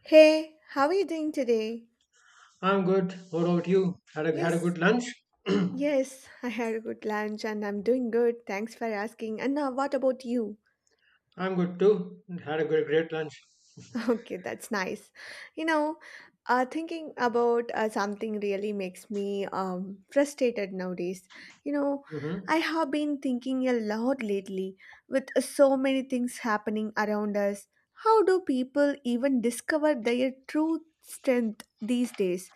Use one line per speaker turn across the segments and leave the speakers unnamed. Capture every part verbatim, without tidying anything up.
Hey, how are you doing today?
I'm good. What about you? Had a had a good
Yes,
lunch?
yes, I had a good lunch and I'm doing good. Thanks for asking. And now, what about you?
I'm good too. Had a good, great lunch.
Okay, that's nice. You know, uh, thinking about uh, something really makes me um, frustrated nowadays. You know, I
hmm
have been thinking a lot lately with so many things happening around us. How do people even discover their true strength these days?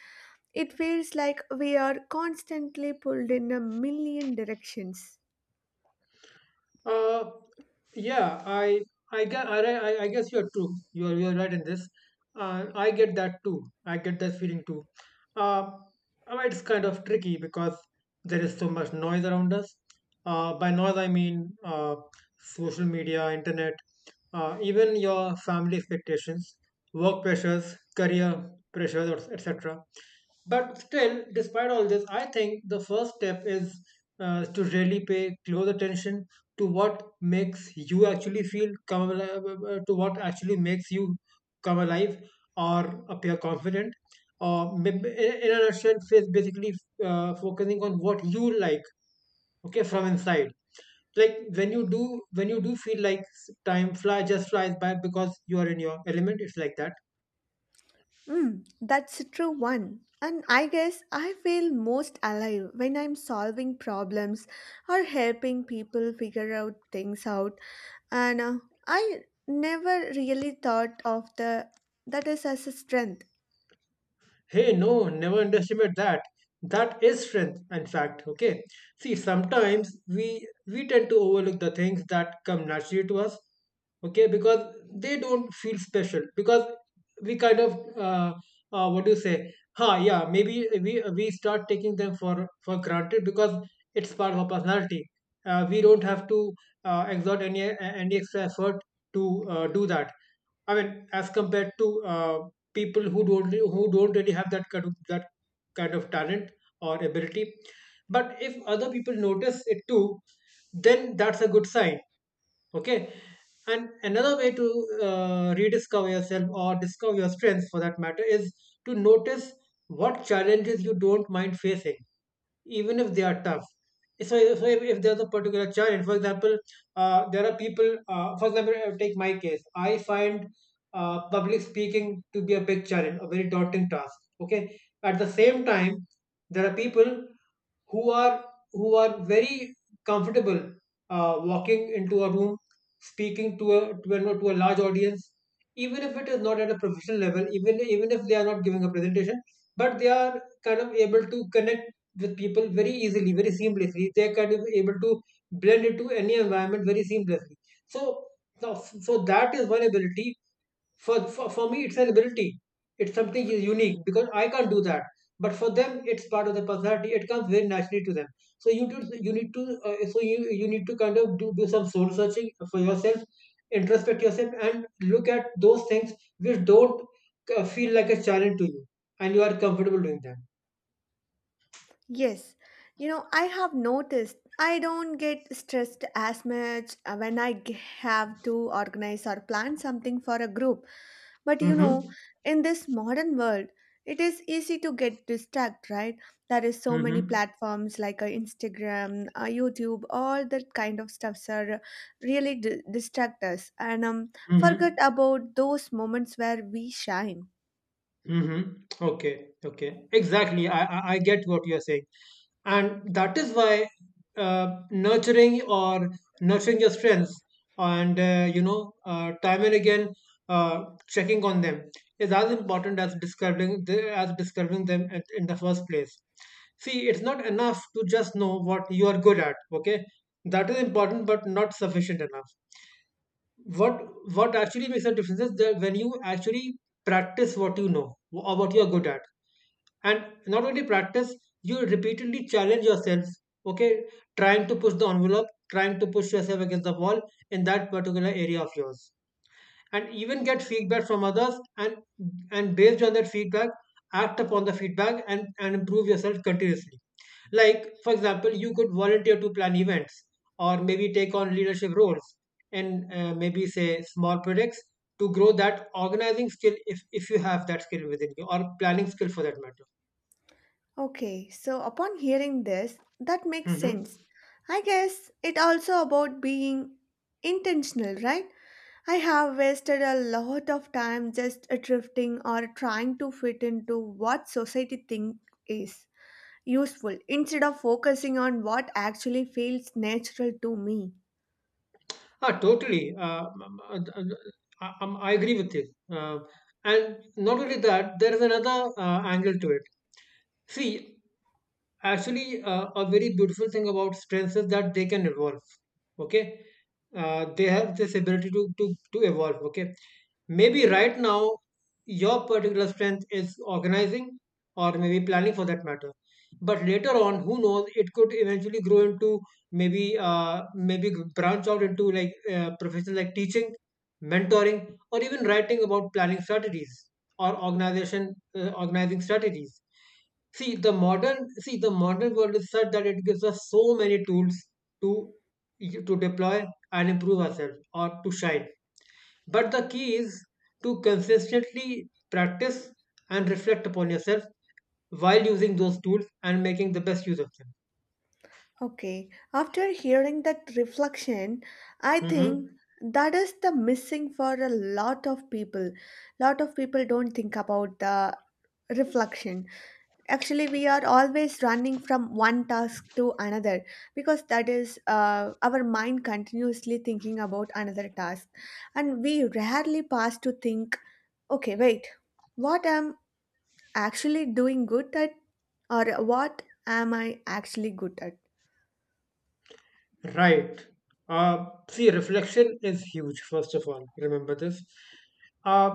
It feels like we are constantly pulled in a million directions.
Uh, yeah. I I guess I, I I guess you're true. You're you're right in this. Uh, I get that too. I get that feeling too. Uh, I mean, it's kind of tricky because there is so much noise around us. Uh, by noise I mean uh, social media, internet, uh, even your family expectations, work pressures, career pressures, et cetera. But still, despite all this, I think the first step is uh, to really pay close attention to what makes you actually feel come alive, uh, uh, uh, to what actually makes you come alive or appear confident. Or maybe in in a nutshell, is basically uh, focusing on what you like, okay, from inside like when you do when you do feel like time fly just flies by because you are in your element. It's like that.
Mm, that's a true one. And I guess I feel most alive when I'm solving problems or helping people figure out things out. And uh, I never really thought of the that is as a strength.
Hey, no, never underestimate that. That is strength, in fact. Okay. See, sometimes we we tend to overlook the things that come naturally to us. Okay, because they don't feel special. Because we kind of uh, uh what do you say? Ha, yeah. Maybe we we start taking them for for granted because it's part of our personality. Uh, we don't have to uh, exert any any extra effort to uh, do that. I mean, as compared to uh, people who don't, who don't really have that kind of that kind of talent or ability. But if other people notice it too, then that's a good sign, okay, and another way to uh, rediscover yourself or discover your strengths for that matter is to notice what challenges you don't mind facing even if they are tough. So, so if, if there's a particular challenge, for example, uh, there are people, uh, for example, uh, take my case. I find uh, public speaking to be a big challenge, a very daunting task. Okay. At the same time, there are people who are who are very comfortable uh, walking into a room, speaking to a to a, to a large audience, even if it is not at a professional level, even even if they are not giving a presentation, but they are kind of able to connect with people very easily, very seamlessly. They are kind of able to blend into any environment very seamlessly. so so, so that is one ability. For, for for me it's an ability. It's something is unique because I can't do that, but for them it's part of the personality. It comes very naturally to them. So you do, you need to, uh, so you you need to kind of do, do some soul searching for yourself, introspect yourself and look at those things which don't uh, feel like a challenge to you and you are comfortable doing them.
Yes, you know I have noticed I don't get stressed as much uh, when I g- have to organize or plan something for a group. But you
Mm-hmm.
know, in this modern world, it is easy to get distracted, right? There is so many
Mm-hmm.
platforms like uh, Instagram, uh, YouTube, all that kind of stuffs are really d- distract us and um, forget
Mm-hmm.
about those moments where we shine.
Mm-hmm. Okay. Okay. Exactly. I, I I get what you're saying, and that is why uh, nurturing or nurturing your strengths and uh, you know uh, time and again uh, checking on them is as important as describing the, as describing them at, in the first place. See, it's not enough to just know what you are good at. Okay, that is important, but not sufficient enough. what what actually makes a difference is that when you actually practice what you know or what you're good at, and not only practice, you repeatedly challenge yourself, okay, trying to push the envelope, trying to push yourself against the wall in that particular area of yours, and even get feedback from others, and and based on that feedback, act upon the feedback and and improve yourself continuously. Like for example, you could volunteer to plan events or maybe take on leadership roles and uh, maybe say small projects to grow that organizing skill, if, if you have that skill within you, or planning skill for that matter.
Okay, so upon hearing this, that makes
hmm
sense. I guess it also about being intentional, right? I have wasted a lot of time just drifting or trying to fit into what society thinks is useful instead of focusing on what actually feels natural to me.
Ah, totally. Uh, um, uh, uh, um, I agree with you. Uh, and not only that, there is another uh, angle to it. See, actually, uh, a very beautiful thing about strengths is that they can evolve. Okay, uh, they have this ability to to to evolve. Okay, maybe right now your particular strength is organizing or maybe planning for that matter, but later on who knows, it could eventually grow into, maybe uh, maybe g- branch out into like uh, professions like teaching, mentoring, or even writing about planning strategies or organization uh, organizing strategies. See, the modern see the modern world is such that it gives us so many tools to to deploy and improve ourselves or to shine. But the key is to consistently practice and reflect upon yourself while using those tools and making the best use of them.
Okay, after hearing that reflection, I think
Mhm.
that is the missing for a lot of people. Lot of people don't think about the reflection, actually we are always running from one task to another because that is uh, our mind continuously thinking about another task, and we rarely pause to think, okay wait, what am actually doing good at, or what am I actually good at?
Right. Uh, see, reflection is huge, first of all. Remember this. Uh,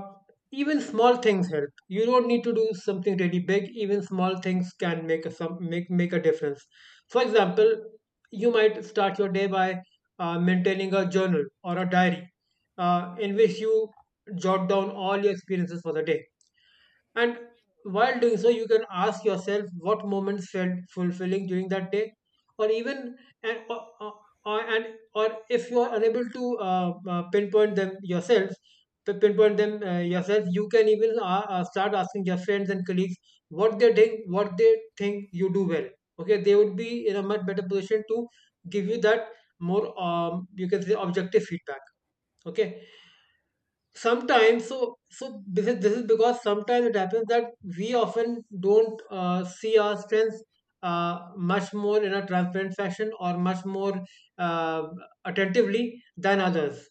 Even small things help. You don't need to do something really big. Even small things can make a some make make a difference. For example, you might start your day by uh, maintaining a journal or a diary, uh, in which you jot down all your experiences for the day. And while doing so, you can ask yourself what moments felt fulfilling during that day, or even and or, or, or- and or, if you are unable to uh, uh, pinpoint them yourself, to pinpoint them uh, yourself, you can even uh, uh, start asking your friends and colleagues what they think, what they think you do well. Okay, they would be in a much better position to give you that more um, you can say objective feedback. Okay, sometimes, so so this is, this is because sometimes it happens that we often don't uh, see our strengths uh, much more in a transparent fashion, or much more uh, attentively than others,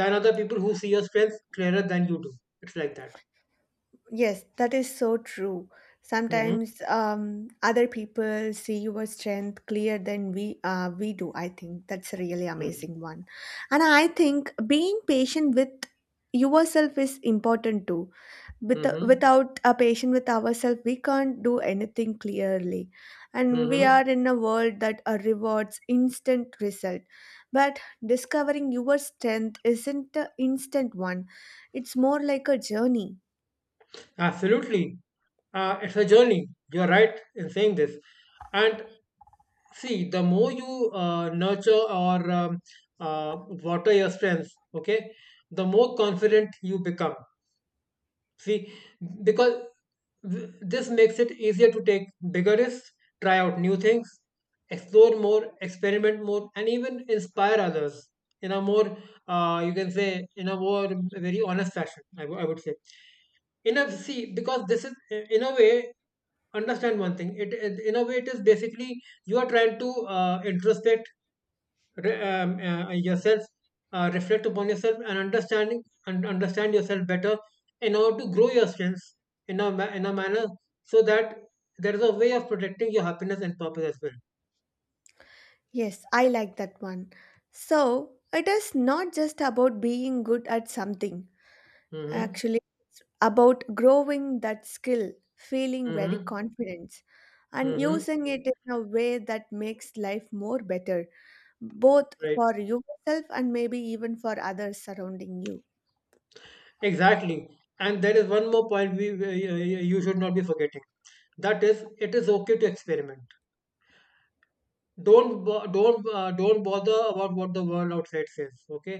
than other people who see your strengths clearer than you do. It's like that.
Yes, that is so true.
Mm-hmm.
Sometimes um, other people see your strength clearer than we uh, we do. I think that's a really
Mm-hmm.
amazing one, and I think being patient with yourself is important too. With
Mm-hmm.
without a patient with ourselves, we can't do anything clearly, and we
Mm-hmm.
are in a world that uh, rewards instant result. But discovering your strength isn't an instant one; it's more like a journey.
Absolutely. Uh, it's a journey, you're right in saying this. And See, the more you uh, nurture or um, uh, water your strengths, okay, the more confident you become. See, because th- this makes it easier to take bigger risks, try out new things, explore more, experiment more, and even inspire others in a more, uh, you can say, in a more very honest fashion, I w- I would say. Enough See, because this is uh, in a way, understand one thing, it, it in a way it is basically, you are trying to uh, introspect re- um, uh, yourself, uh, reflect upon yourself and understanding and understand yourself better in order to grow your strengths in a, ma- in a manner, so that there is a way of protecting your happiness and purpose as well.
Yes, I like that one. So, it is not just about being good at something,
Mm-hmm.
actually, about growing that skill, feeling very
Mm-hmm.
confident, and
Mm-hmm.
using it in a way that makes life more better, both
Right.
for yourself and maybe even for others surrounding you.
Exactly. And there is one more point we, we you you should not be forgetting. That is, it is okay to experiment. Don't bo- don't uh, Don't bother about what the world outside says, okay?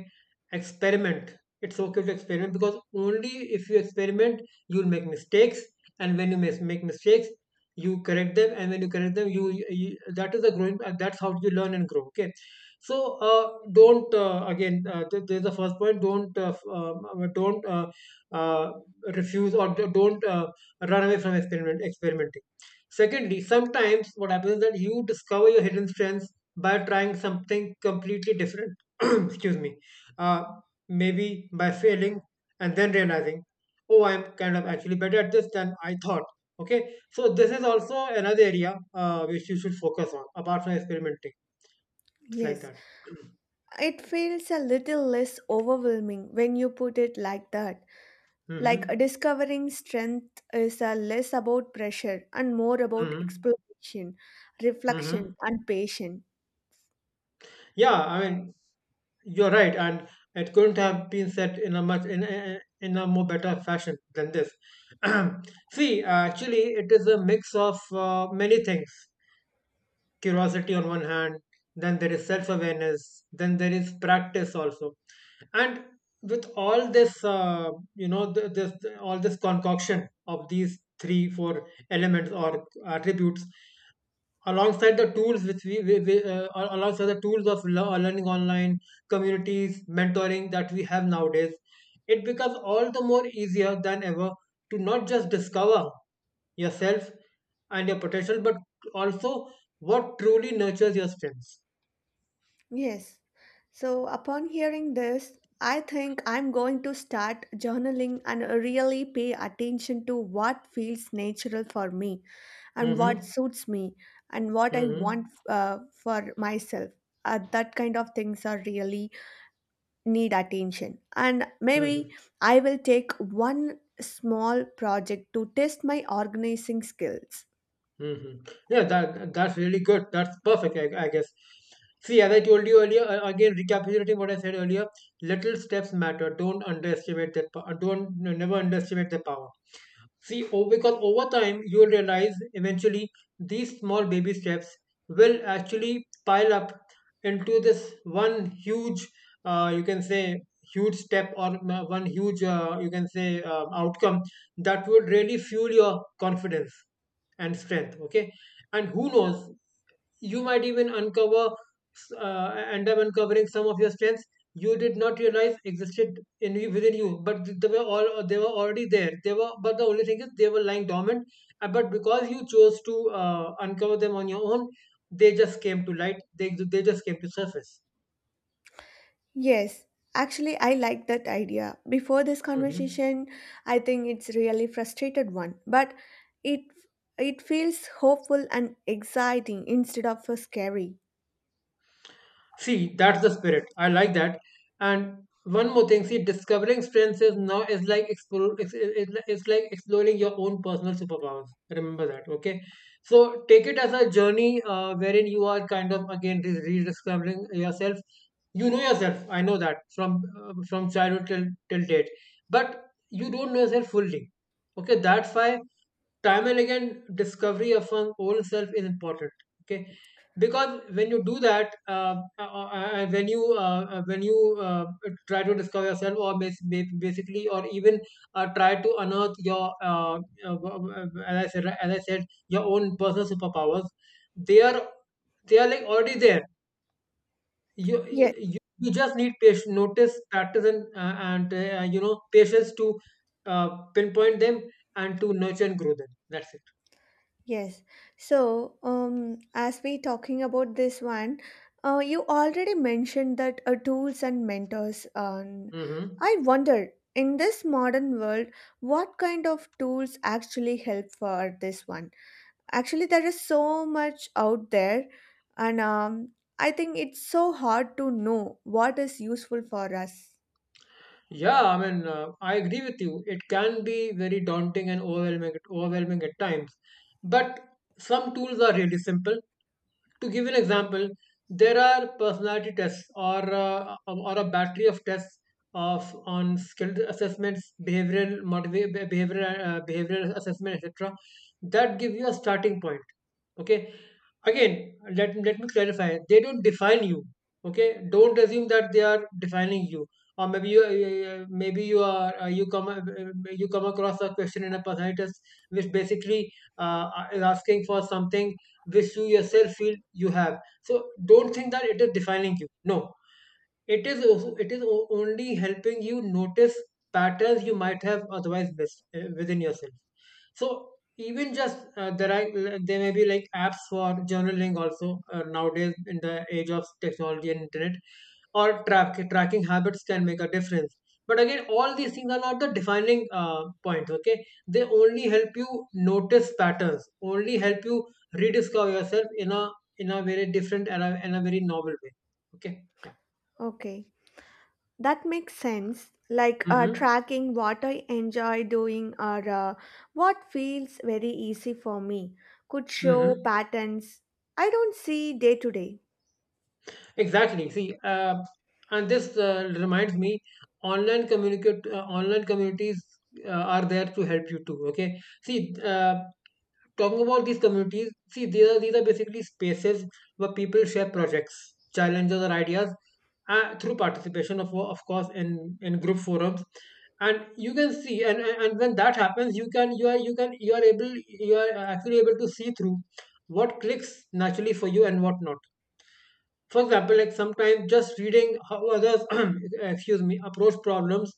Experiment. It's okay to experiment, because only if you experiment you'll make mistakes, and when you mis- make mistakes you correct them, and when you correct them, you, you, that is the growing, uh, that's how you learn and grow, okay? So uh, don't uh, again uh, th- there's the first point don't uh, f- um, uh, don't uh, uh, refuse, or d- don't uh, run away from experiment experimenting. Secondly, sometimes what happens is that you discover your hidden strengths by trying something completely different. Excuse me. Uh, Maybe by failing and then realizing, oh, I'm kind of actually better at this than I thought. Okay, so this is also another area uh, which you should focus on apart from experimenting. It's like
Yes,
that.
it feels a little less overwhelming when you put it like that. Like uh,
Mm-hmm.
discovering strength is uh, less about pressure and more about
Mm-hmm.
exploration,
Mm-hmm.
reflection, and patience.
Yeah, I mean, you're right, and it couldn't have been said in a much in a, in a more better fashion than this. See, uh, actually, it is a mix of uh, many things. Curiosity on one hand, then there is self-awareness, then there is practice also, and with all this, uh, you know, th- this all this concoction of these three, four elements or attributes, alongside the tools which we, we, we uh, al- alongside the tools of lear- learning, online communities, mentoring that we have nowadays, it becomes all the more easier than ever to not just discover yourself and your potential, but also what truly nurtures your strengths.
Yes. So, upon hearing this, I think I'm going to start journaling and really pay attention to what feels natural for me and what
Mm-hmm.
suits me and what I want
Mm-hmm.
uh, for myself. Uh, that kind of things are really need attention, and maybe
Mm-hmm.
I will take one small project to test my organizing skills.
hmm Yeah, that that's really good. That's perfect, I, I guess. See, as I told you earlier, uh, again recapitulating what I said earlier, little steps matter. Don't underestimate that. po- Don't, no, never underestimate the power. See, oh, because over time you'll realize eventually these small baby steps will actually pile up into this one huge, uh, you can say, huge step or uh, one huge, uh, you can say, uh, outcome that would really fuel your confidence and strength. Okay. And who knows, you might even uncover uh, end up uncovering some of your strengths you did not realize existed in you- within you, but they were all they were already there. They were But the only thing is, they were lying dormant. Uh, but because you chose to uh, uncover them on your own, they just came to light they, they just came to surface.
Yes, actually I like that idea. Before this
Mhm.
conversation, I think it's really frustrated one, but it it feels hopeful and exciting instead of uh, scary.
See, that's the spirit. I like that. And one more thing, see, discovering strengths is now is like explore, it's, it's, it's like exploring your own personal superpowers. Remember that, okay? So take it as a journey uh, wherein you are kind of again re- rediscovering yourself. You know yourself. I know that from uh, from childhood till till date, but you don't know yourself fully. Okay, that's why time and again discovery of one's own self is important. Okay, because when you do that uh, uh, uh, uh, when you uh, uh, when you uh, try to discover yourself or bas- ba- basically, or even uh, try to unearth your uh, uh, w- as I said as I said your own personal superpowers. they are they are like already there. you you,
Yes
you you just need patience, notice, practice, and uh, and uh, you know, patience to uh, pinpoint them and to nurture and grow them. That's it.
Yes. So, um, as we talking about this one, uh, you already mentioned that uh, tools and mentors. Um,
hmm
I wonder, in this modern world, what kind of tools actually help for this one? Actually, there is so much out there, and um, I think it's so hard to know what is useful for us.
Yeah, I mean, uh, I agree with you. It can be very daunting and overwhelming, overwhelming at times. But some tools are really simple. To give an example, there are personality tests, or uh, or a battery of tests of on skill assessments, behavioral motiva- be- behavioral uh, behavioral assessment, et cetera. That give you a starting point. Okay. Again, let let me clarify. They don't define you. Okay. Don't assume that they are defining you. Or maybe you uh, maybe you are uh, you come uh, uh, you come across a question in a personality test which basically uh, is asking for something which you yourself feel you have, so don't think that it is defining you. No, it is also- it is o- only helping you notice patterns you might have otherwise missed uh, within yourself. So even just uh, there are uh, there may be like apps for journaling also, uh, nowadays, in the age of technology and internet. Or track, tracking habits can make a difference. But again, all these things are not the defining uh, points. Okay, they only help you notice patterns, only help you rediscover yourself in a in a very different and a, in a very novel way. okay yeah
Okay. That makes sense. Like uh,
hmm
tracking what I enjoy doing or uh, what feels very easy for me could show
hmm
patterns I don't see day to day.
Exactly. See, uh, and this uh, reminds me, online communicate, uh, online communities uh, are there to help you too. Okay. See, uh, talking about these communities, see, these are these are basically spaces where people share projects, challenges, or ideas uh, through participation, of of course, in in group forums. And you can see, and, and and when that happens, you can you are you can you are able you are actually able to see through what clicks naturally for you and what not. For example, like sometimes just reading how others excuse me approach problems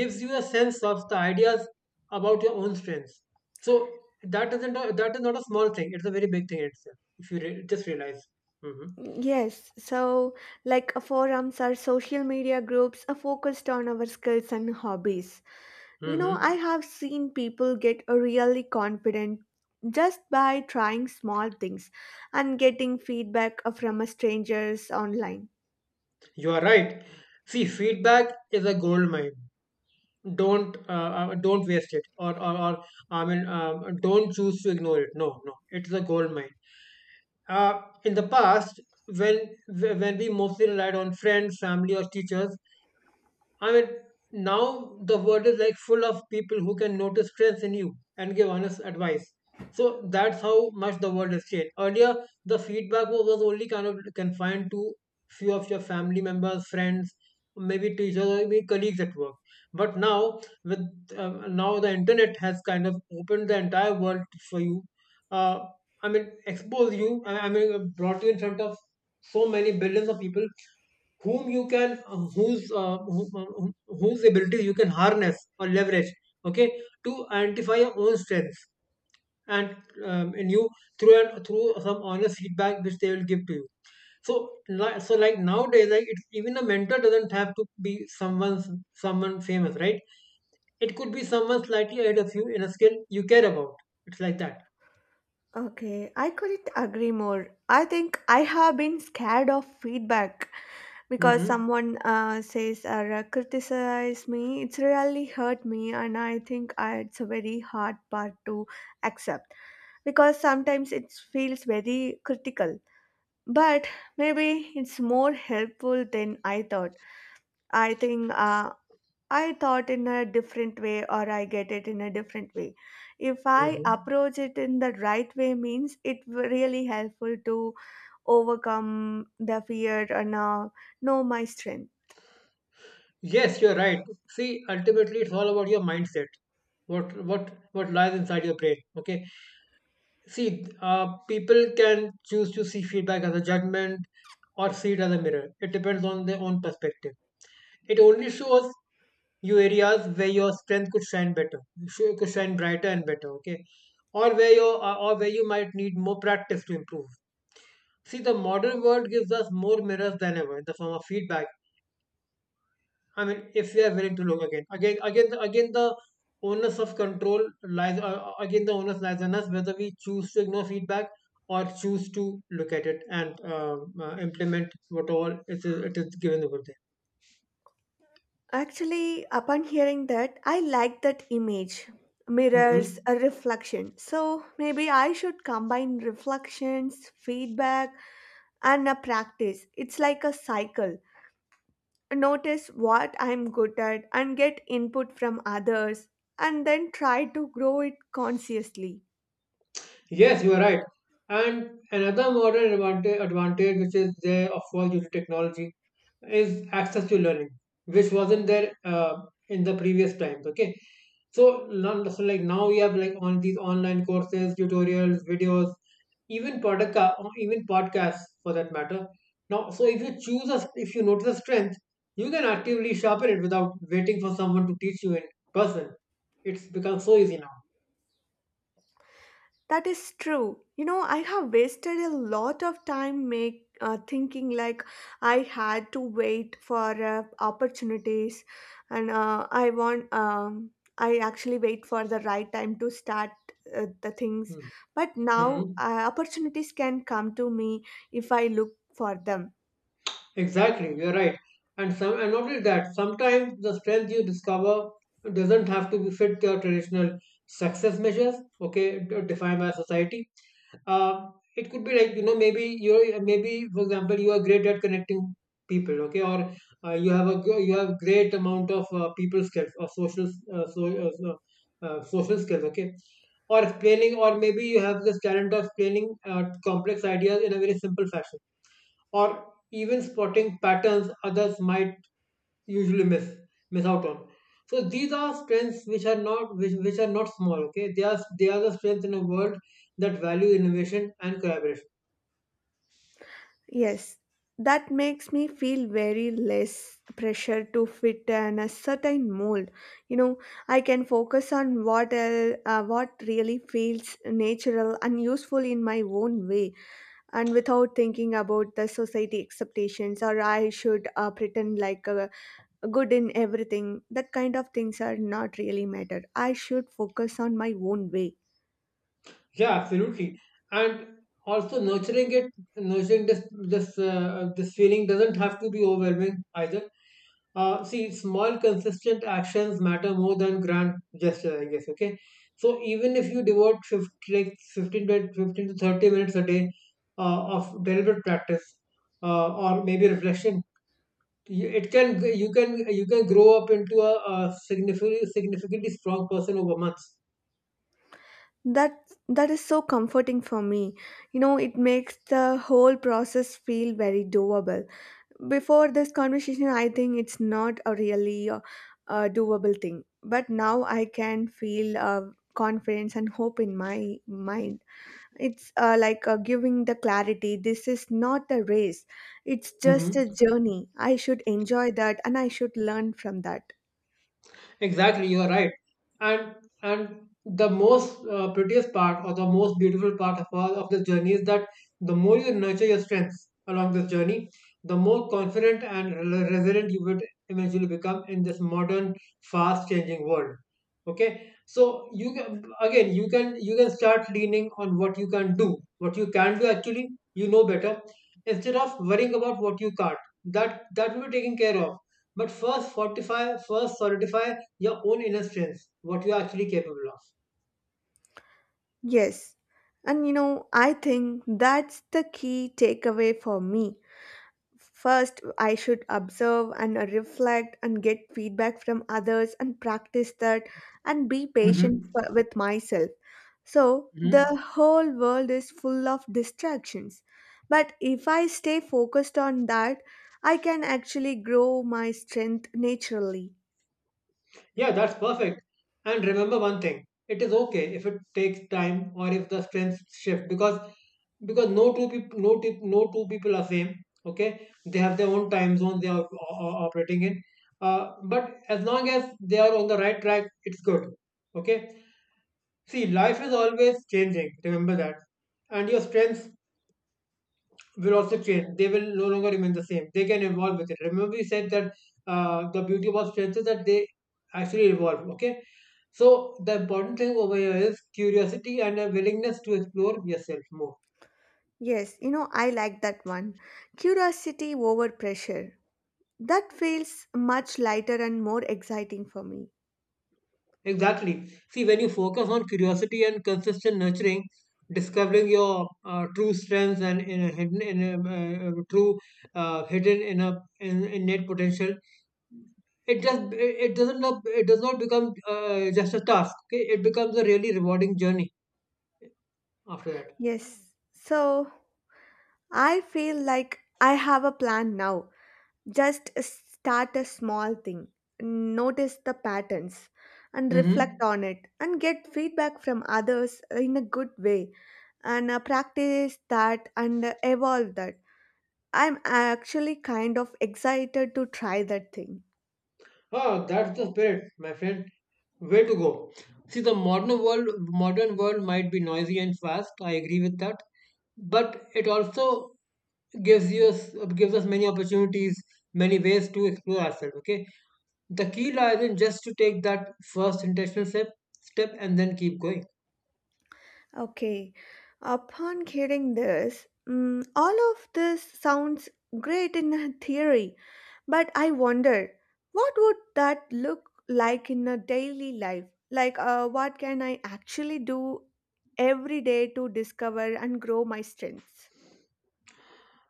gives you a sense of the ideas about your own strengths. So that isn't a, that is not a small thing, it's a very big thing itself, if you re- just realize. hmm
Yes, so like uh, forums or social media groups are focused on our skills and hobbies. You know,
hmm
I have seen people get uh, really confident just by trying small things and getting feedback uh, from uh, strangers online.
you are right. See, feedback is a gold mine. Don't uh, uh, don't waste it or or, or I mean um, don't choose to ignore it. No, no, it's a gold mine. Uh, in the past, when when we mostly relied on friends, family, or teachers, I mean, now the world is like full of people who can notice strengths in you and give honest advice. So that's how much the world has changed. Earlier, the feedback was, was only kind of confined to few of your family members, friends, maybe teachers, or maybe colleagues at work. But now, with uh, now the internet has kind of opened the entire world for you. Uh, I mean, expose you. I I mean, brought you in front of so many billions of people whom you can uh, whose uh, whom, whom- whose ability you can harness or leverage, okay, to identify your own strengths and um, in you through and through some honest feedback which they will give to you. So li- so like nowadays, like it's, even a mentor doesn't have to be someone's someone famous, right? It could be someone slightly ahead of you in a skill you care about. It's like that.
Okay, I couldn't agree more. I think I have been scared of feedback because
mm-hmm.
someone uh, says or uh, criticize me. It's really hurt me, and I think I, it's a very hard part to accept because sometimes it feels very critical. But maybe it's more helpful than I thought. I think uh, I thought in a different way or I get it in a different way. If I
Mm-hmm.
approach it in the right way means it w- really helpful to overcome the fear and uh, know my strength.
Yes, you're right. See, ultimately, it's all about your mindset. What what what lies inside your brain? Okay. See, uh, people can choose to see feedback as a judgment or see it as a mirror. It depends on their own perspective. It only shows you areas where your strength could shine better, sh- could shine brighter and better. Okay, or where your uh, or where you might need more practice to improve. See, the modern world gives us more mirrors than ever, in the form of feedback. I mean, if we are willing to look. Again, again, again, the- again, the onus of control lies, uh, uh, again, the onus lies on us whether we choose to ignore feedback or choose to look at it and um, uh, implement whatever it is, it is given over there.
Actually, upon hearing that, I like that image. Mirrors
hmm
a reflection. So maybe I should combine reflections, feedback, and a practice. It's like a cycle. Notice what I'm good at and get input from others and then try to grow it consciously.
Yes, you are right. And another modern advantage, advantage which is there, of course, due to technology, is access to learning, which wasn't there uh, in the previous times. Okay, so, not, so like now we have like on these online courses, tutorials, videos, even podcast, even podcasts for that matter. Now, so if you choose a, if you notice a strength, you can actively sharpen it without waiting for someone to teach you in person. It's become so easy now.
That is true. You know, I have wasted a lot of time make uh, thinking like I had to wait for uh, opportunities, and uh, I want um, I actually wait for the right time to start uh, the things.
Hmm.
But now
Mm-hmm.
uh, opportunities can come to me if I look for them.
Exactly, you're right. And some and not only that, sometimes the strength you discover doesn't have to fit your traditional success measures, okay, d- defined by society. Um, it could be like, you know, maybe you're maybe for example you are great at connecting people, okay, or uh, you have a gr- you have great amount of uh, people skills or social uh, so, uh, so- uh, social skills, okay, or explaining or maybe you have this talent of explaining uh, complex ideas in a very simple fashion, or even spotting patterns others might usually miss miss out on. So these are strengths which are not which, which are not small. Okay, they are they are the strengths in a world that value innovation and collaboration.
Yes, that makes me feel very less pressure to fit in a certain mold. You know, I can focus on what el- uh, what really feels natural and useful in my own way, and without thinking about the society expectations, or I should uh, pretend like uh, good in everything. That kind of things are not really matter. I should focus on my own way.
Yeah, absolutely. And also nurturing it, nurturing this this uh, this feeling doesn't have to be overwhelming either. Uh, see, small consistent actions matter more than grand gestures, I guess. Okay, so even if you devote fifty, like fifteen to fifteen to thirty minutes a day uh, of deliberate practice uh, or maybe reflection, you- it can you can you can grow up into a, a significantly significantly strong person over months.
That that is so comforting for me. You know, it makes the whole process feel very doable. Before this conversation, I think it's not a really uh, uh, doable thing. But now I can feel uh, confidence and hope in my mind. It's uh, like uh, giving the clarity. This is not a race. It's just
Mm-hmm.
a journey. I should enjoy that, and I should learn from that.
Exactly, you are right. And and the most uh, prettiest part or the most beautiful part of all of this journey is that the more you nurture your strengths along this journey, the more confident and re- resilient you would eventually become in this modern, fast-changing world. Okay, so you can, again you can you can start leaning on what you can do, what you can do actually, you know, better, instead of worrying about what you can't. That that will be taken care of. But first fortify, first solidify your own inner strengths, what you are actually capable of.
Yes. And you know, I think that's the key takeaway for me. First, I should observe and reflect and get feedback from others and practice that and be patient
Mm-hmm.
for, with myself. So, the
Mm-hmm.
whole world is full of distractions. But if I stay focused on that, I can actually grow my strength naturally.
Yeah, that's perfect. And remember one thing, it is okay if it takes time or if the strengths shift, because because no two people no two, no two people are same. Okay, they have their own time zones they are o- o- operating in. Uh, but as long as they are on the right track, it's good. Okay, see, life is always changing, remember that. And your strengths will also change. They will no longer remain the same. They can evolve with it. Remember, we said that uh, the beauty about strengths is that they actually evolve. Okay. So the important thing over here is curiosity and a willingness to explore yourself more.
Yes, you know, I like that one. Curiosity over pressure. That feels much lighter and more exciting for me.
Exactly. See, when you focus on curiosity and consistent nurturing, discovering your uh, true strengths and in a hidden in a, uh, uh, true uh, hidden in a in, innate potential, it just it doesn't not, it does not become uh, just a task. Okay, it becomes a really rewarding journey after that.
Yes. So, I feel like I have a plan now. Just start a small thing, notice the patterns, and
mm-hmm.
reflect on it, and get feedback from others in a good way, and uh, practice that and uh, evolve that. I'm actually kind of excited to try that thing.
Ah, that's the spirit, my friend. Way to go. See, the modern world, modern world might be noisy and fast, I agree with that, but it also gives you gives us many opportunities, many ways to explore ourselves. Okay, the key lies in just to take that first intentional step step and then keep going.
Okay, upon hearing this, mm, all of this sounds great in a theory, but I wonder, what would that look like in a daily life? Like, uh, what can I actually do every day to discover and grow my strengths?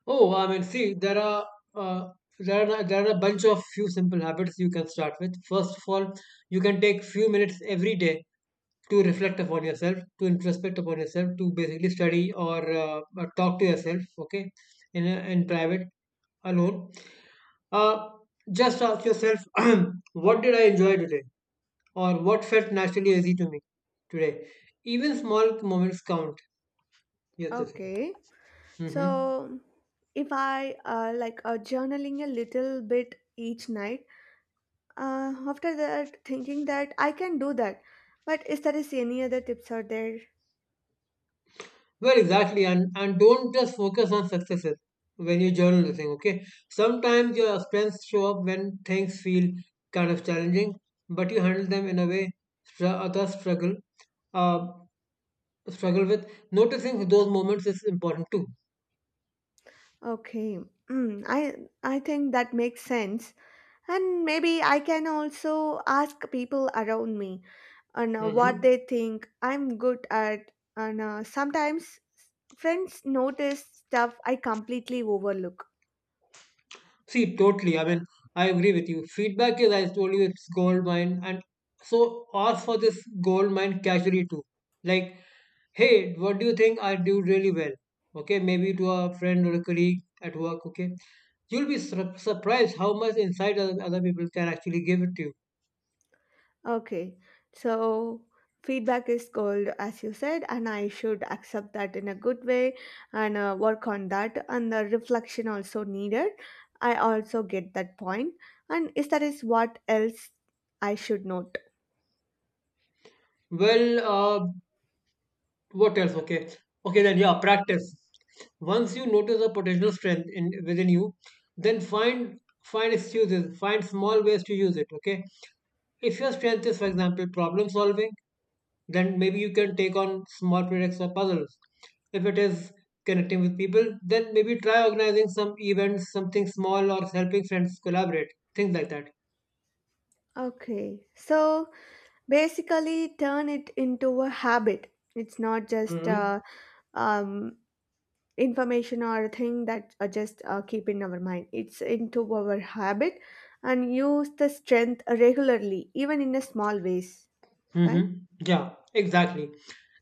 Oh, I mean, see, there are uh, there are there are a bunch of few simple habits you can start with. First of all, you can take few minutes every day to reflect upon yourself, to introspect upon yourself, to basically study or uh, uh, talk to yourself. Okay, in a- in private, alone. Uh, just ask yourself, what did I enjoy today, or what felt naturally easy to me today. Even small moments count. Yes, the thing.
Okay,
Mm-hmm.
so if I uh, like uh, journaling a little bit each night, uh, after that, thinking that I can do that. But is there is any other tips out there?
Well, exactly, and and don't just focus on successes when you're journalism. Okay, sometimes your strengths show up when things feel kind of challenging, but you handle them in a way str- others struggle uh, struggle with. Noticing those moments is important too.
Okay, mm, I I think that makes sense, and maybe I can also ask people around me and uh, what
Hmm.
they think I'm good at. And uh, sometimes friends notice stuff I completely overlook.
See, totally. I mean, I agree with you. Feedback is, I told you, it's gold mine, and so ask for this gold mine casually too. Like, hey, what do you think I do really well? Okay, maybe to a friend or a colleague at work. Okay, you'll be sur- surprised how much insight other, other people can actually give it to you.
Okay, so feedback is gold, as you said, and I should accept that in a good way and uh, work on that. And the reflection also needed. I also get that point. And is that is what else I should note.
Well, uh, what else? Okay, okay, then yeah, practice. Once you notice a potential strength in within you, then find find excuses, find small ways to use it. Okay, if your strength is, for example, problem solving, then maybe you can take on small projects or puzzles. If it is connecting with people, then maybe try organizing some events, something small, or helping friends collaborate, things like that.
Okay, so basically turn it into a habit. It's not just
Hmm.
uh, um, information or a thing that uh, just uh, keep in our mind, it's into our habit, and use the strength regularly even in a small ways, right?
Mm-hmm. Yeah, exactly.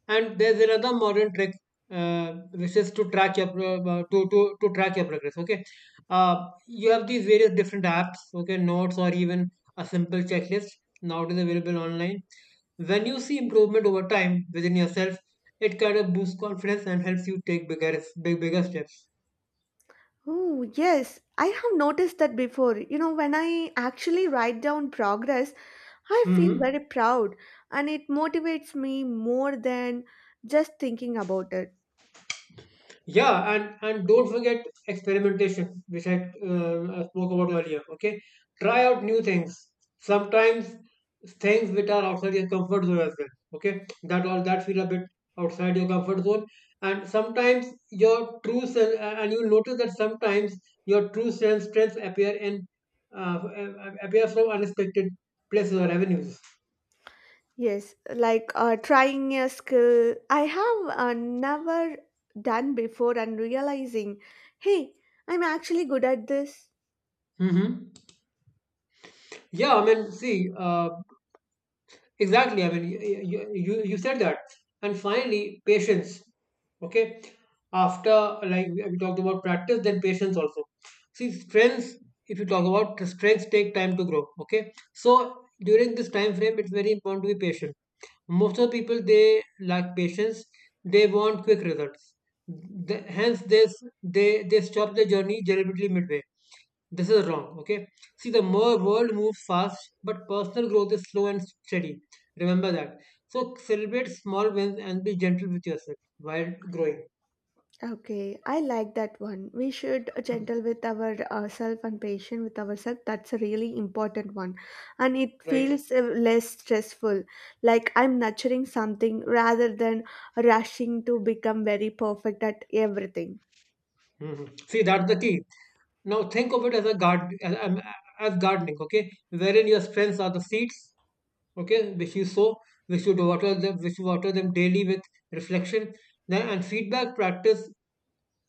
And there's another modern trick, uh, which is to track your pro- uh, to to to track your progress. Okay, uh, you have these various different apps, okay, notes or even a simple checklist nowadays available online. When you see improvement over time within yourself, it kind of boosts confidence and helps you take bigger big bigger steps.
Oh yes, I have noticed that before. You know, when I actually write down progress, I feel
Mm-hmm.
very proud, and it motivates me more than just thinking about it.
Yeah, and and don't forget experimentation, which I uh, spoke about earlier. Okay, try out new things. Sometimes things which are outside your comfort zone as well. Okay, that all that feel a bit outside your comfort zone, and sometimes your true self, and you'll notice that sometimes your true self strengths appear in uh, appear from unexpected places or avenues.
Yes, like uh, trying a skill I have uh, never done before and realizing, hey, I'm actually good at this.
Hmm. Yeah, I mean, see. Uh, Exactly. I mean, you, you, you you said that. And finally, patience. Okay. After, like, we we talked about practice, then patience also. See, strengths, if you talk about strengths, take time to grow. Okay. So, during this time frame, it's very important to be patient. Most of the people, they lack patience. They want quick results. The, hence, this they, they stop the journey deliberately midway. This is wrong, okay? See, the more world moves fast, but personal growth is slow and steady. Remember that. So celebrate small wins and be gentle with yourself while growing.
Okay, I like that one. We should
Mm.
gentle with our uh, self and patient with ourselves. That's a really important one, and it
Right?
feels uh, less stressful. Like I'm nurturing something rather than rushing to become very perfect at everything.
Hmm. Hmm. See, that's the key. Now think of it as a guard as, um, as gardening, okay? Wherein your strengths are the seeds, okay, which you sow, which you water them, which you water them daily with reflection, then and feedback, practice,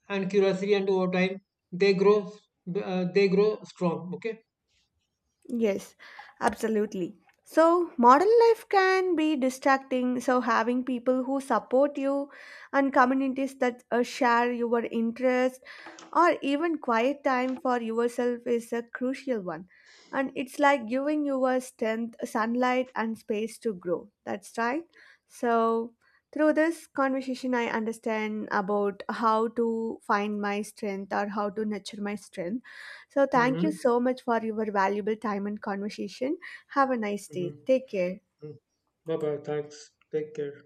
and curiosity, and over time they grow, uh, they grow strong, okay.
Yes, absolutely. So, modern life can be distracting. So, having people who support you and communities that uh, share your interest, or even quiet time for yourself is a crucial one. And it's like giving your strength, sunlight, and space to grow. That's right. So, through this conversation, I understand about how to find my strength or how to nurture my strength, so, thank you
Mm-hmm.
so much for your valuable time and conversation. Have a nice day.
Mm-hmm.
Take care.
Bye bye. Thanks. Take care.